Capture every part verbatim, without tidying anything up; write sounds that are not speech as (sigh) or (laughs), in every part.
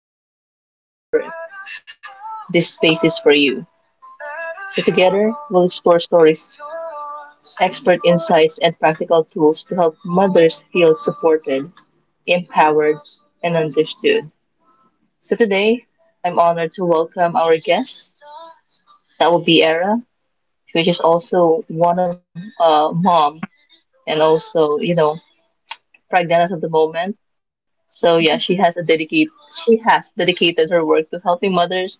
rediscovering yourself after birth, this space is for you. So together, we'll explore stories, expert insights, and practical tools to help mothers feel supported, empowered, and understood. So today, I'm honored to welcome our guest. That will be Era, which is also one of uh, mom and also you know pregnant at the moment. So yeah, she has a dedicate she has dedicated her work to helping mothers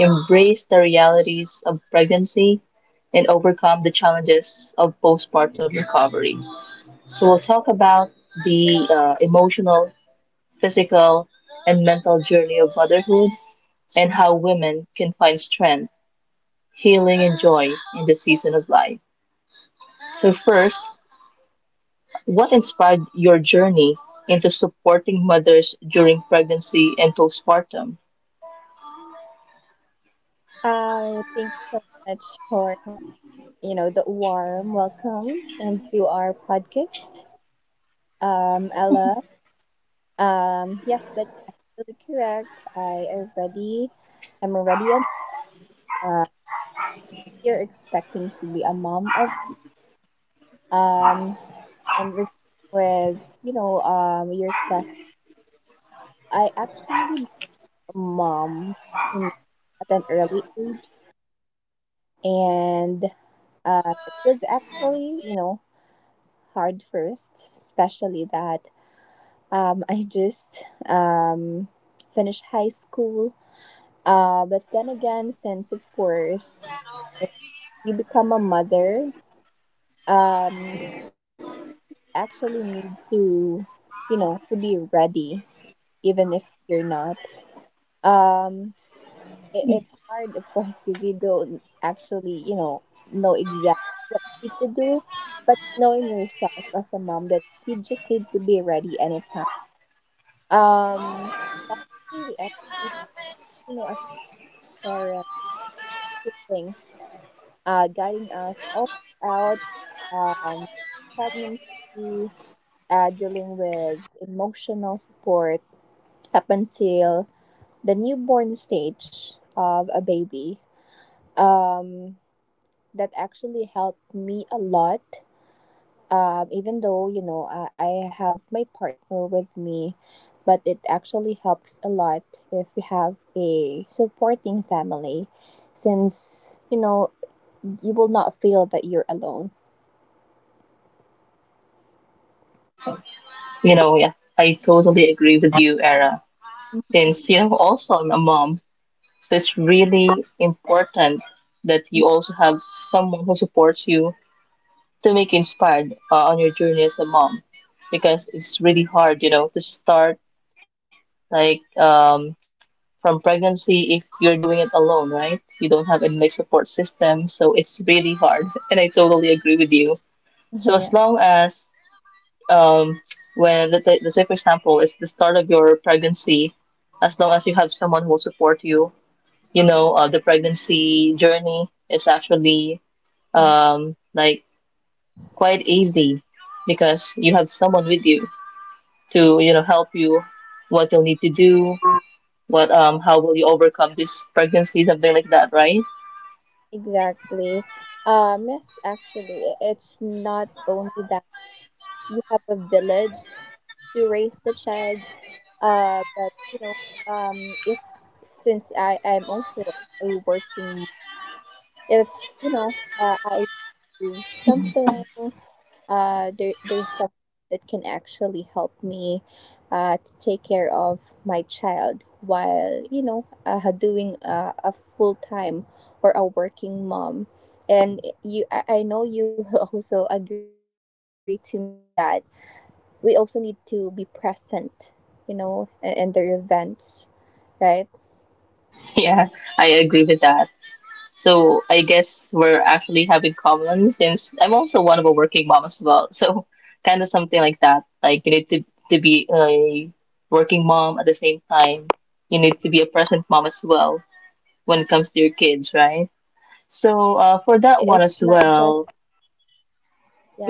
embrace the realities of pregnancy and overcome the challenges of postpartum recovery. So we'll talk about the uh, emotional, physical, and mental journey of motherhood and how women can find strength healing, and joy in the season of life. So, first, what inspired your journey into supporting mothers during pregnancy and postpartum? Uh, thank you so much for you know the warm welcome into our podcast, um, Ella. Um, yes, that's actually correct. I already, I'm already a uh, you're expecting to be a mom of um and re- with you know um your question. I actually became a mom, you know, at an early age, and um it was actually, you know hard first, especially that, um, I just um, finished high school. Uh, but then again, since of course you become a mother, um, actually need to, you know, to be ready, even if you're not. Um, it, it's hard, of course, because you don't actually, you know, know exactly what you need to do, but knowing yourself as a mom that you just need to be ready anytime. Um, Luckily, we actually have, you know, as parents, siblings, uh, guiding us all throughout um, pregnancy, uh, dealing with emotional support up until the newborn stage of a baby. Um, that actually helped me a lot, um, even though, you know I, I have my partner with me, but it actually helps a lot if you have a supporting family, since, you know you will not feel that you're alone. You know, yeah, I totally agree with you, Era. Mhm. Since, you know, also I'm a mom, so it's really important that you (laughs) also have someone who supports you to make you inspired uh, on your journey as a mom because it's really hard, you know, to start like um, from pregnancy if you're doing it alone, right? You don't have any like support system, so it's really hard. (laughs) And I totally agree with you. So Yeah, as long as um, when let's say, let's say for example, it's the start of your pregnancy, as long as you have someone who will support you, you know, uh, the pregnancy journey is actually um, like quite easy because you have someone with you to you know help you what you'll need to do. What um how will you overcome this pregnancy, something like that, right? (laughs) exactly. Um yes actually it's not only that you have a village to raise the child, uh but you know um if, since i i'm also a working, if, you know uh, I do something, uh, there there's something that can actually help me, uh, to take care of my child while, you know uh, doing a, a full time or a working mom. And you, I I know you will (laughs) also agree to me that we also need to be present, you know, in, in their events, right? Yeah, I agree with that. So I guess we're actually having common since I'm also one of a working mom as well. (laughs) So kind of something like that. Like you need to, to be a working mom at the same time. You need to be a present mom as well when it comes to your kids, right? So Yeah, uh, for uh, that it- one it's as not well, just,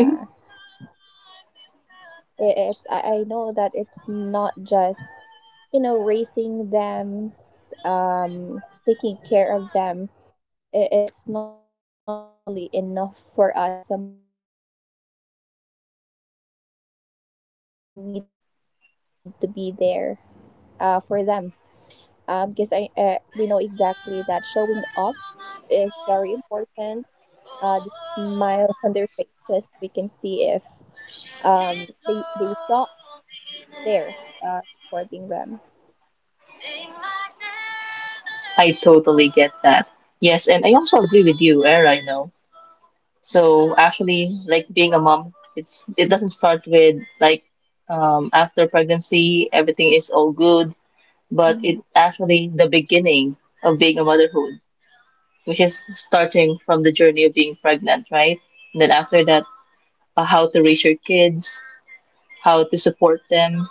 mhm, I- it's, I I know that it's not just, you know raising them, um, taking care of them. I- It's not actually enough for us as a mother. Um, we know that we also need to be there uh, for them. Um, because I uh, We know exactly that showing up is very important. Uh, the smile (laughs) on their faces, we can see if um they they saw there uh, supporting them. I totally get that. Yes, and I also agree with you, Era, you know. So actually, like being a mom, it's it doesn't start with like um, after pregnancy, everything is all good, but Mm-hmm. it actually the beginning of being a motherhood, which is starting from the journey of being pregnant, right? And then after that, uh, how to raise your kids, how to support them,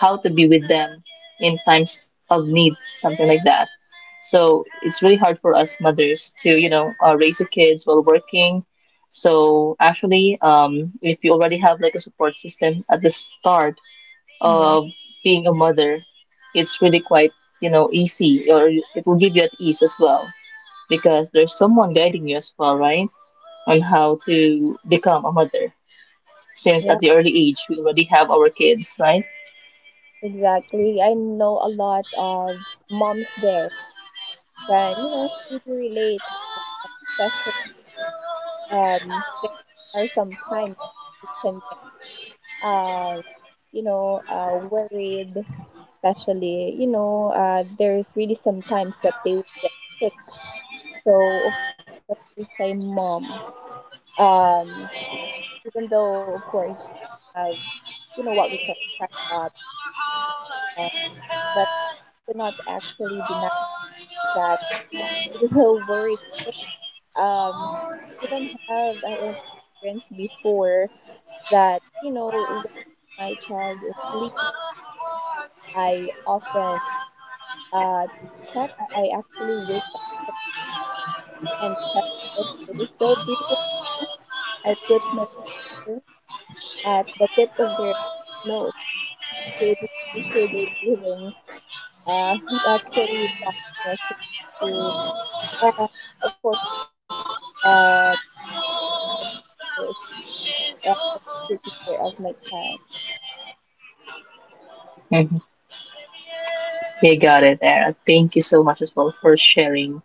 how to be with them in times of needs, something like that. So it's really hard for us mothers to, you know, uh, raise the kids while working. So actually, um, if you already have like a support system at the start Hmm. of being a mother, it's really quite, you know, easy or it will give you at ease as well because there's someone guiding you as well, right? On how to become a mother since at Yep, the early age we already have our kids, right? exactly. I know a lot of moms there, and, you know, we do relate, especially um, there are some times we can, uh, you know, uh, worried, especially, you know, uh, there's really sometimes that they will get sick. So, of the first time mom, um, even though, of course, have, you know, what we call check up, um, but cannot actually deny that (laughs) we were worried. Um, Even have an experience before that, you know, when my child is sleep, I often uh, check. I, I actually wake up and check if they're still breathing. I put my finger at the tip of their nose to just make sure they're breathing. Uh, it actually got me as well to, um, of course, uh, the first, uh, taking care of my child. Mhm. You got it there. Thank you so much as well for sharing,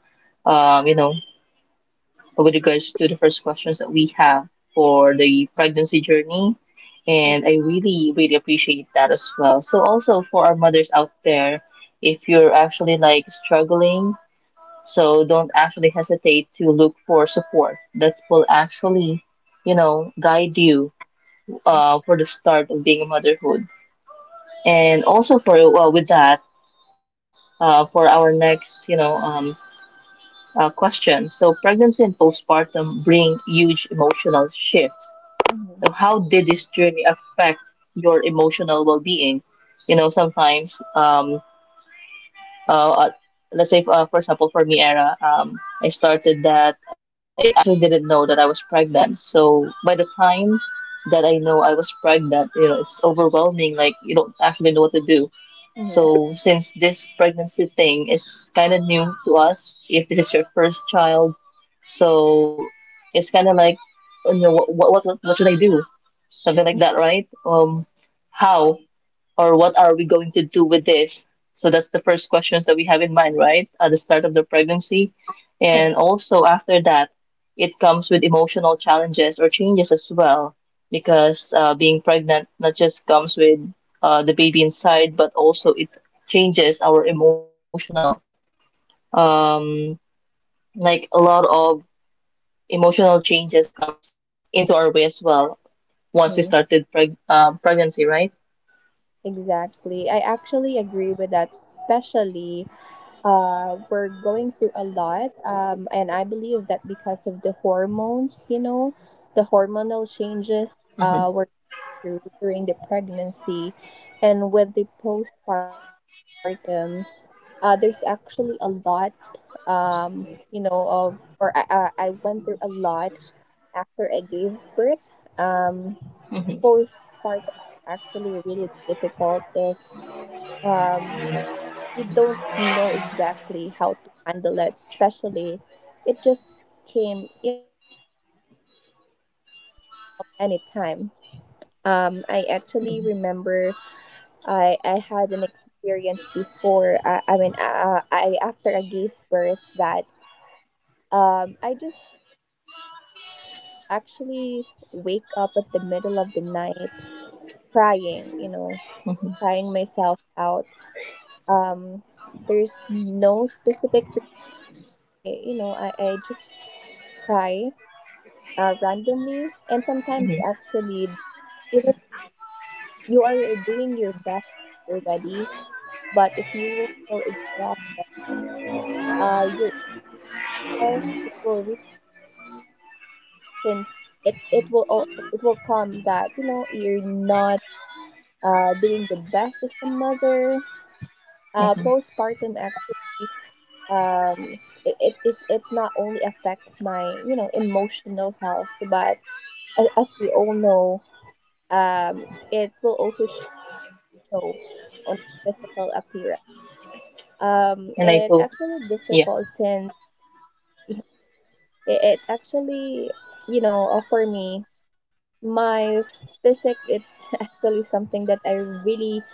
um, you know, with regards to the first questions that we have for the pregnancy journey. And I really, really appreciate that as well. So also for our mothers out there, if you're actually like struggling, so don't actually hesitate to look for support that will actually, you know, guide you Hmm. uh, for the start of being a motherhood. And also for well, with that. Uh, for our next, you know, um, uh, question. So, pregnancy and postpartum bring huge emotional shifts. Mm-hmm. So, how did this journey affect your emotional well-being? You know, sometimes, um, uh, uh, let's say, uh, for example, for me, Era, um, I started that I actually didn't know that I was pregnant. So, by the time that I know I was pregnant, you know, it's overwhelming. Like you don't actually know what to do so, since this pregnancy thing is kind of new to us, if this is your first child, so it's kind of like, you know, what, what, what, what should I do? Something like that, right? Um, how? Or what are we going to do with this? So that's the first questions that we have in mind, right? At the start of the pregnancy. And also after that, it comes with emotional challenges or changes as well, because uh, being pregnant not just comes with uh, the baby inside, but also it changes our emotional, um, like a lot of emotional changes comes into our way as well once we Mm-hmm. started preg uh, pregnancy, right? Exactly. I actually agree with that, especially uh, we're going through a lot. Um, and I believe that because of the hormones, you know, the hormonal changes uh, hmm we're through during the pregnancy and with the postpartum, uh, there's actually a lot, um, you know, of, or I, I I went through a lot after I gave birth. Um, hmm Postpartum actually really difficult if, um, you don't know exactly how to handle it, especially it just came, you know, or it just actually anytime. Um, I actually remember I I had an experience before. I, I mean, uh, I after I gave birth that um I just actually wake up at the middle of the night crying, you know, crying myself out. hmm Um, there's no specific why, you know I, I just cry uh, randomly, and sometimes actually even you are doing your best already, but if you will feel exhausted, uh your health it will reach, since it it will al- it will come that, you know you're not uh doing the best as a mother. Uh postpartum hmm actually, um it, it it's it not only affect my, you know emotional health, but a- as we all know, um, it will also show on physical appearance. Um, it And I actually April. difficult Yeah. since it, it actually, you know, uh, for me, my physique it's (laughs) actually something that I really,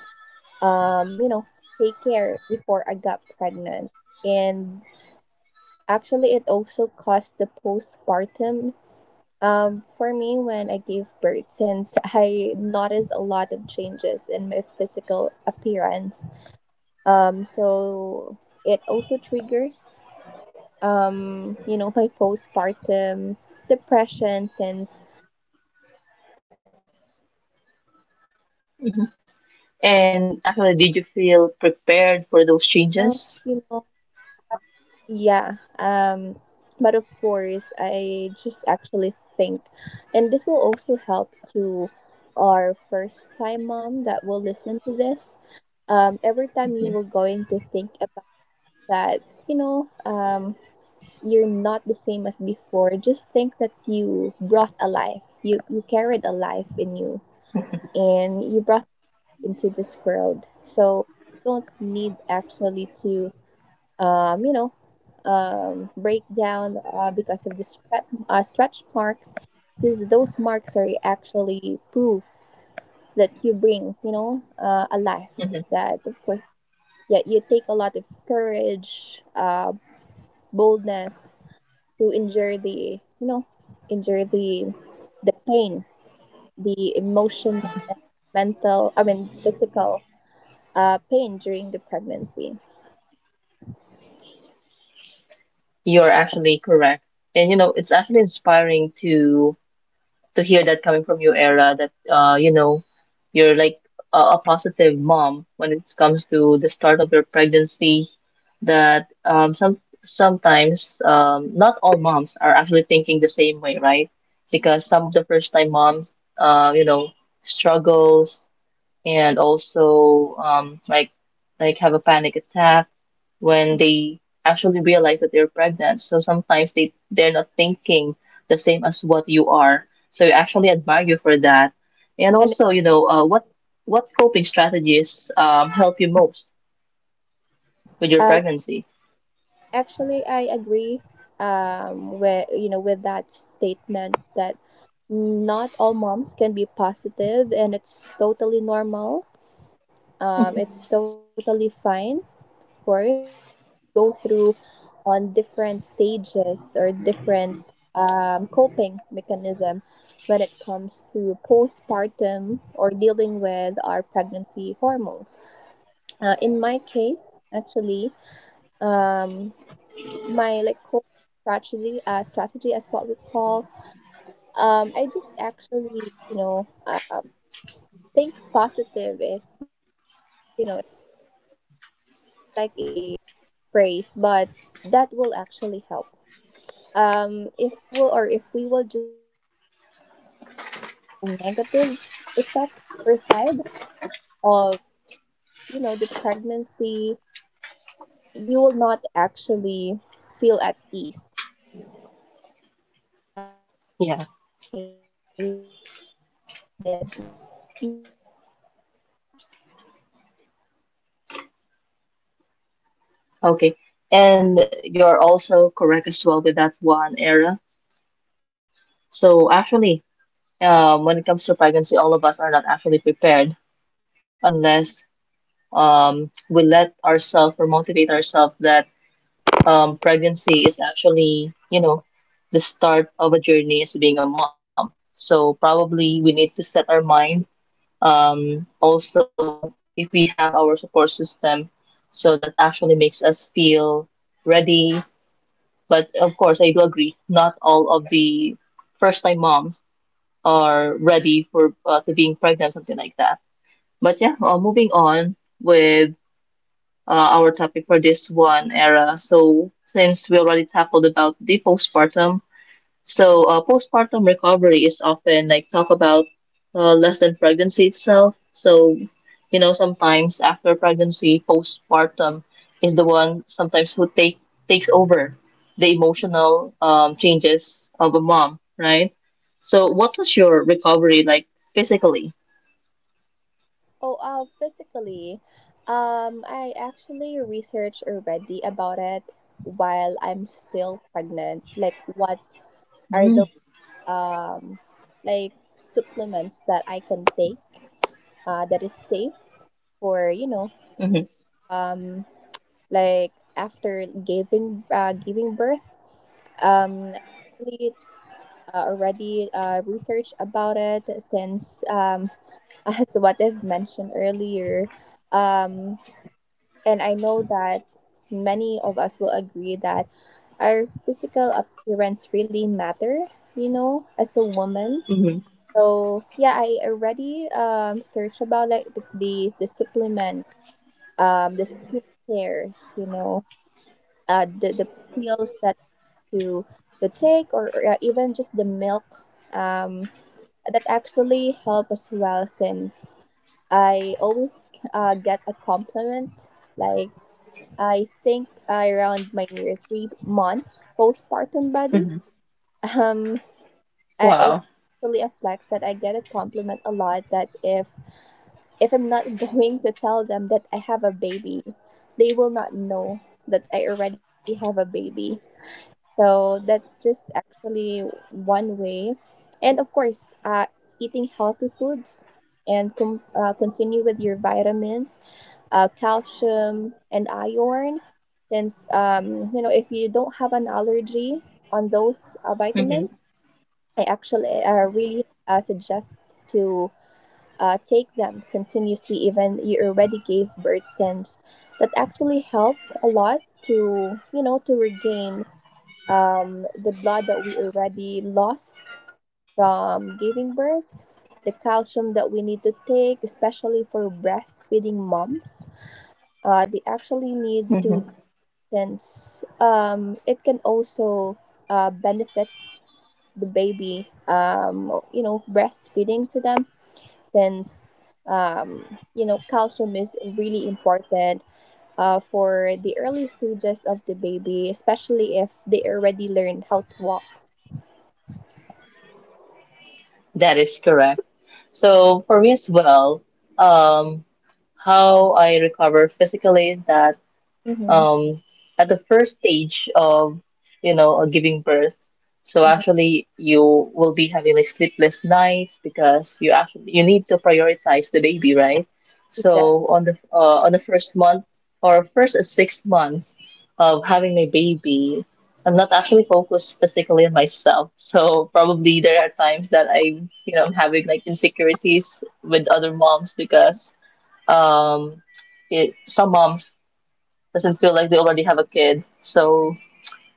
um, you know, take care before I got pregnant, and actually it also caused the postpartum. Um, for me, when I gave birth, since (laughs) I noticed a lot of changes in my physical appearance, Um, so it also triggers, um, you know, my postpartum depression since, um, it will actually, you know, hmm um, or a- it came And to my actually, did mind you that feel prepared I'm for not those beautiful changes? enough, you know. Yeah. Um, but of course, I just actually think, and this will also help to our first time mom that will listen to this, um, every hmm time you were going to think that, you know um, you're not the same as before, just think that you brought a life, you you carried a life in you and you brought it into this world. So don't need actually to, um, you know um, break down uh, because of the stretch, uh, stretch marks, because those marks are actually proof that you bring, you know uh, a hmm life that, of course, yeah, you take a lot of courage, uh, boldness to endure the, you know endure the the pain, the emotional and mental, i mean physical uh, pain during the pregnancy. You're actually correct. And you know, it's actually inspiring to to hear that coming from you, Era, that uh, you know, you're like a, a positive mom when it comes to the start of your pregnancy. That um, some sometimes um, not all moms are actually thinking the same way, right? Because some of the first time moms, uh, you know, struggles and also um, like like have a panic attack when they actually realize that they're pregnant. So sometimes they they're not thinking the same as what you are. So I actually admire you for that. And And also, you know, uh, what what coping strategies um, help you most with your uh, pregnancy? actually, I agree, um, with you know with that statement that not all moms can be positive, and it's totally normal. Um, it's totally fine, course, uh, we go through on different stages or different um, coping mechanism when it comes to postpartum or dealing with our pregnancy hormones. Uh, in my case, actually, um, my like coping strategy, uh, strategy as what we call, um, I just actually, you know, uh, think positive is, you know, it's like a common phrase, but that will actually help. Um if you will, or if we will just going to, you know stick on a negative effect or side of, you know the pregnancy, you will not actually feel at ease. uh we just actually, or Yeah, in my case what I actually did. Mhm. um I actually going through research as well, I do research, okay. um And I you're actually also watch a correct as lot well with that one of era. uh, So actually, videos. Let's see. um, when it comes to pregnancy, all of us are not actually prepared unless um, we let ourselves or motivate ourselves that um, pregnancy is actually, you know, the start of a journey as being a mom. So probably we need to set our mind. Um, also, if we have our support system, so that actually makes us feel ready. But of course, I do agree. Not all of the first-time moms are ready for uh, to being pregnant, something like that. But yeah, uh, moving on with uh, our topic for this one era. So since we already tackled about the postpartum, so Mm, uh, postpartum recovery is often like talk about uh, less than pregnancy itself. So you know sometimes after pregnancy, postpartum is the one sometimes who take takes over the emotional um, changes of a mom, right? So sure. what was your recovery like physically? Oh, uh, physically, um, I actually researched already about it while I'm still pregnant. Like, what are the Mm-hmm. um, like supplements that I can take uh, that is safe for, you know Mm-hmm. um, like after giving uh, giving birth. Um, I actually uh, already uh, researched about it since, um, (laughs) as what I've mentioned earlier, um, and I know that many of us will agree that our physical appearance really matter. You know, as a woman. So yeah, I already um searched about like the the, the supplements, um the skincares, you know, uh the the pills that to to take, or, or uh, even just the milk um that actually help as well since I always uh get a compliment like I think, uh, around my three months postpartum body Mm-hmm. (laughs) um uh, it Wow. actually affects that I get a compliment a lot that if if I'm not (laughs) going to tell them that I have a baby, they will not know that I already have a baby. So that's just actually one way. And of course, uh, eating healthy foods and com- uh, continue with your vitamins, uh, calcium, and iron. Since, um, you know, if you don't have an allergy on those uh, vitamins, I actually uh, really uh, suggest to uh, take them continuously, even you already gave birth, since that actually helped a lot to, you know to regain um, the blood that we already lost from giving birth, the calcium that we need to take, especially for breastfeeding moms, uh, they actually Mm-hmm. need to, since, um, it can also uh, benefit the baby, um, you know, breastfeeding to them, since, um, you know, calcium is really important uh, for the early stages of the baby, especially if they already learn how to walk. That is correct. So for me as well, um, how I recover physically is that Mm-hmm. um, at the first stage of, you know, uh, giving birth. So actually, you will be having like sleepless nights because you actually you need to prioritize the baby, right? Exactly. So on the uh, on the first month or first six months of having my baby, I'm not actually focused physically on myself. So probably there are times that I'm, you know, I'm having like insecurities with other moms because um, it, some moms doesn't feel like they already have a kid. So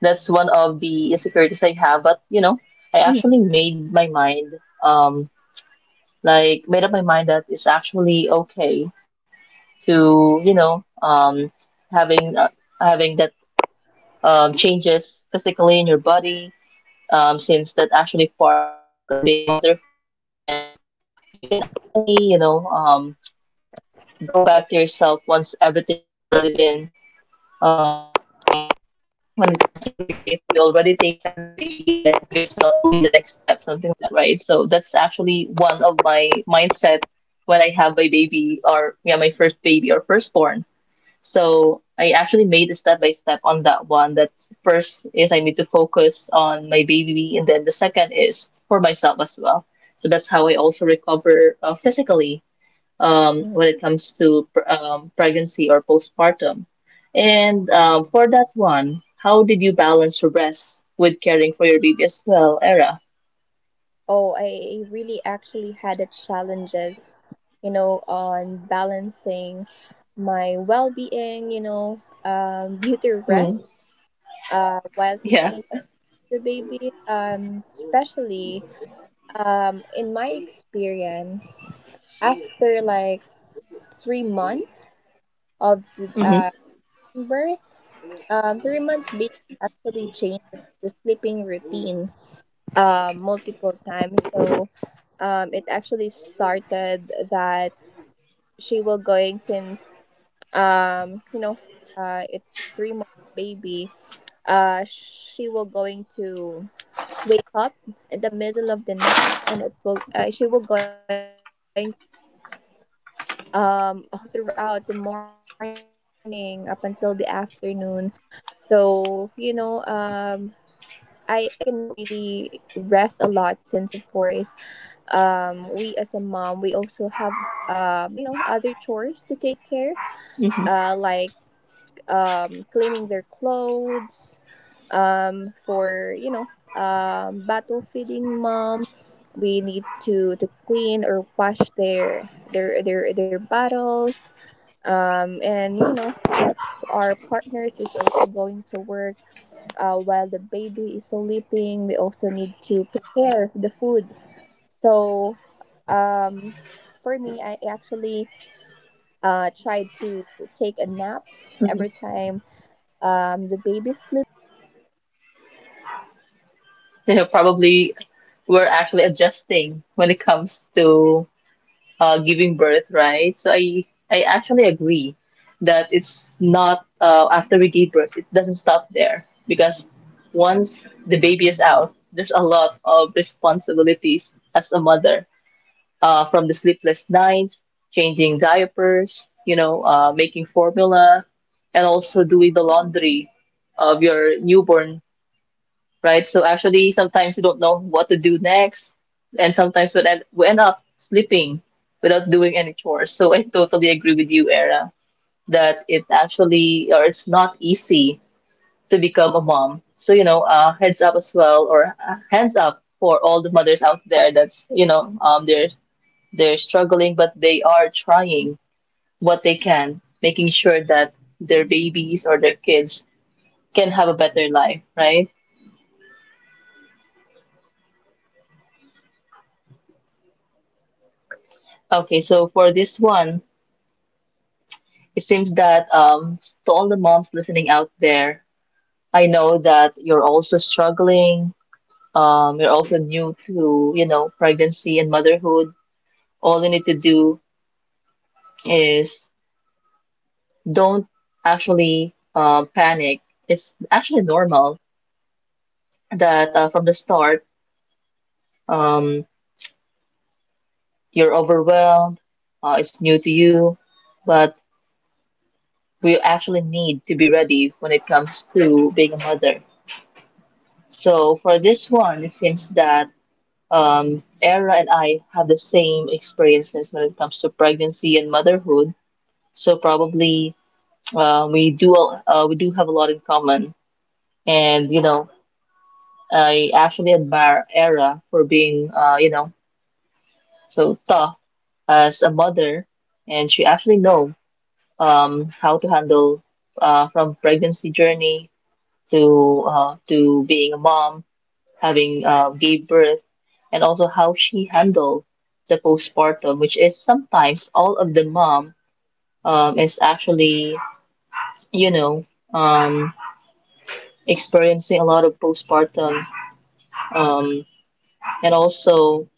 that's one of the insecurities I have. But you know, I actually made my mind, um, like made up my mind that it's actually okay to you know, um, having uh, having that um, changes physically in your body, um, since that's actually part of being motherhood, and you can actually you know um, go back to yourself once everything is already been um, let's say when it comes to your baby. If you already take care of your baby, then yourself will be the next step, something like that, right? So that's actually one of my mindset when I have my baby or yeah, my first baby or firstborn. So I actually made a step by step on that one. That first is I need to focus on my baby, and then the second is for myself as well. So that's how I also recover uh, physically um, Mhm. when it comes to pr- um, pregnancy or postpartum. And uh, for that one, how did you balance your rest with caring for your baby as well, Era? Oh, I really actually had a challenges, you know, on balancing my well-being, you know, um, (laughs) beauty Mm, rest, uh, while yeah. taking the baby. Um, especially, um, in my experience, after like three months of uh, hmm birth, um, three months baby actually changes the sleeping routine uh, multiple times. So, um, it actually started that she will going, since, um, you know, uh, it's three month baby. Uh, she will going to wake up in the middle of the night, and it will, uh, she will going um all throughout the morning up until the afternoon. So you know um. I, I cannot really rest a lot, since of course, um we as a mom we also have, um you know, other chores to take care, hmm uh like um cleaning their clothes, um for, you know um battle feeding mom, we need to to clean or wash their their their their bottles, um and you know if our partners is also going to work, uh, while the baby is sleeping we also need to prepare the food. So, um, for me, I actually uh, tried to take a nap hmm every time um, the baby sleep. Yeah, even though, you know, So uh, you the sleep it's probably not were that actually continuous, adjusting but when it comes of course, to um (laughs) uh, as a giving birth, mom, right? So we really I need I actually to agree do a lot of that it's not sacrifices, uh, after we give birth, it doesn't stop there because once the baby is out, there's a lot of and, you responsibilities know as a mother, um, uh, from the those are sleepless nights, actually, changing um, diapers, just a you know, simple uh, making act of formula, and us also doing the laundry uh, showing, of you know, your our newborn, unconditional love. right? So Since actually, sometimes we if don't know what to we do were next, going to and to sometimes to we end, we see end up the, the sleeping smile without doing any of, chores. you So know I totally agree our with our you, Era, child's, that it uh, on their actually or it's faces, not and we easy can actually to see become that a they are mom. So you know, healthy. uh, heads up as well, or uh, Um, hands up for all the all mothers those out there sleepless that's you know um nights, they're tiring they're moments, it struggling, but will they just, you are know, trying what they eventually fade. can, making sure that their babies or their kids can have a better life, And right? I I, I do actually, um, has a lot of experience, um, Okay, so for before this one, that, you know, uh, we it can seems be that exhausted um, at to all the times, moms listening out there, um, I and I know know that you're exactly also that struggling. there's a lot, Um, you're also new um, to, you know, that we pregnancy and that can motherhood. actually relate on All you this need to sense. do um, Of course, is um, don't actually j- uh, uh, as panic. a It's full-time actually mom normal and a working mom, that uh, from the you start, don't really get a (laughs) um, full-time rest, you're since, overwhelmed. um, Uh, it's new to there you, it's not but only um, we the actually need to be diapers that we ready need when to it comes think, to being um, a their, their mother. vitamins as well, So for and this one, it especially a seems that. newborn baby. Um, Era and I Um, have the they same actually experiences when grow it comes to fast, so pregnancy and we need to motherhood. have, So um, probably you know, uh, we uh, do their uh, we do clothes. have a lot in common. They, we actually need And to you have know, clothes prepared for I them, actually admire especially Era for that. being uh, you know so tough as a mother, Hello, am I still and she audible? actually know um, how to handle uh, from pregnancy journey to uh, to being a mom having uh, gave birth, and also how she handled the postpartum, which is sometimes all of the mom um, is actually, you know, um, experiencing a lot of postpartum. Um, and also,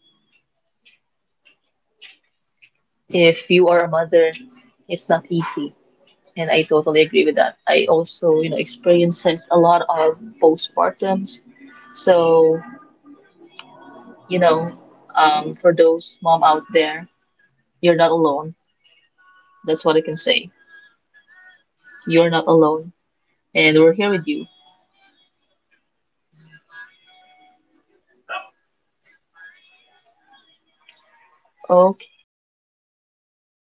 if you are a mother, it's not easy. And I totally agree with that. I also, you know, experiences a lot of postpartums. So, you know, um, for those mom out there, you're not alone. That's what I can say. You're not alone, and we're here with you, okay?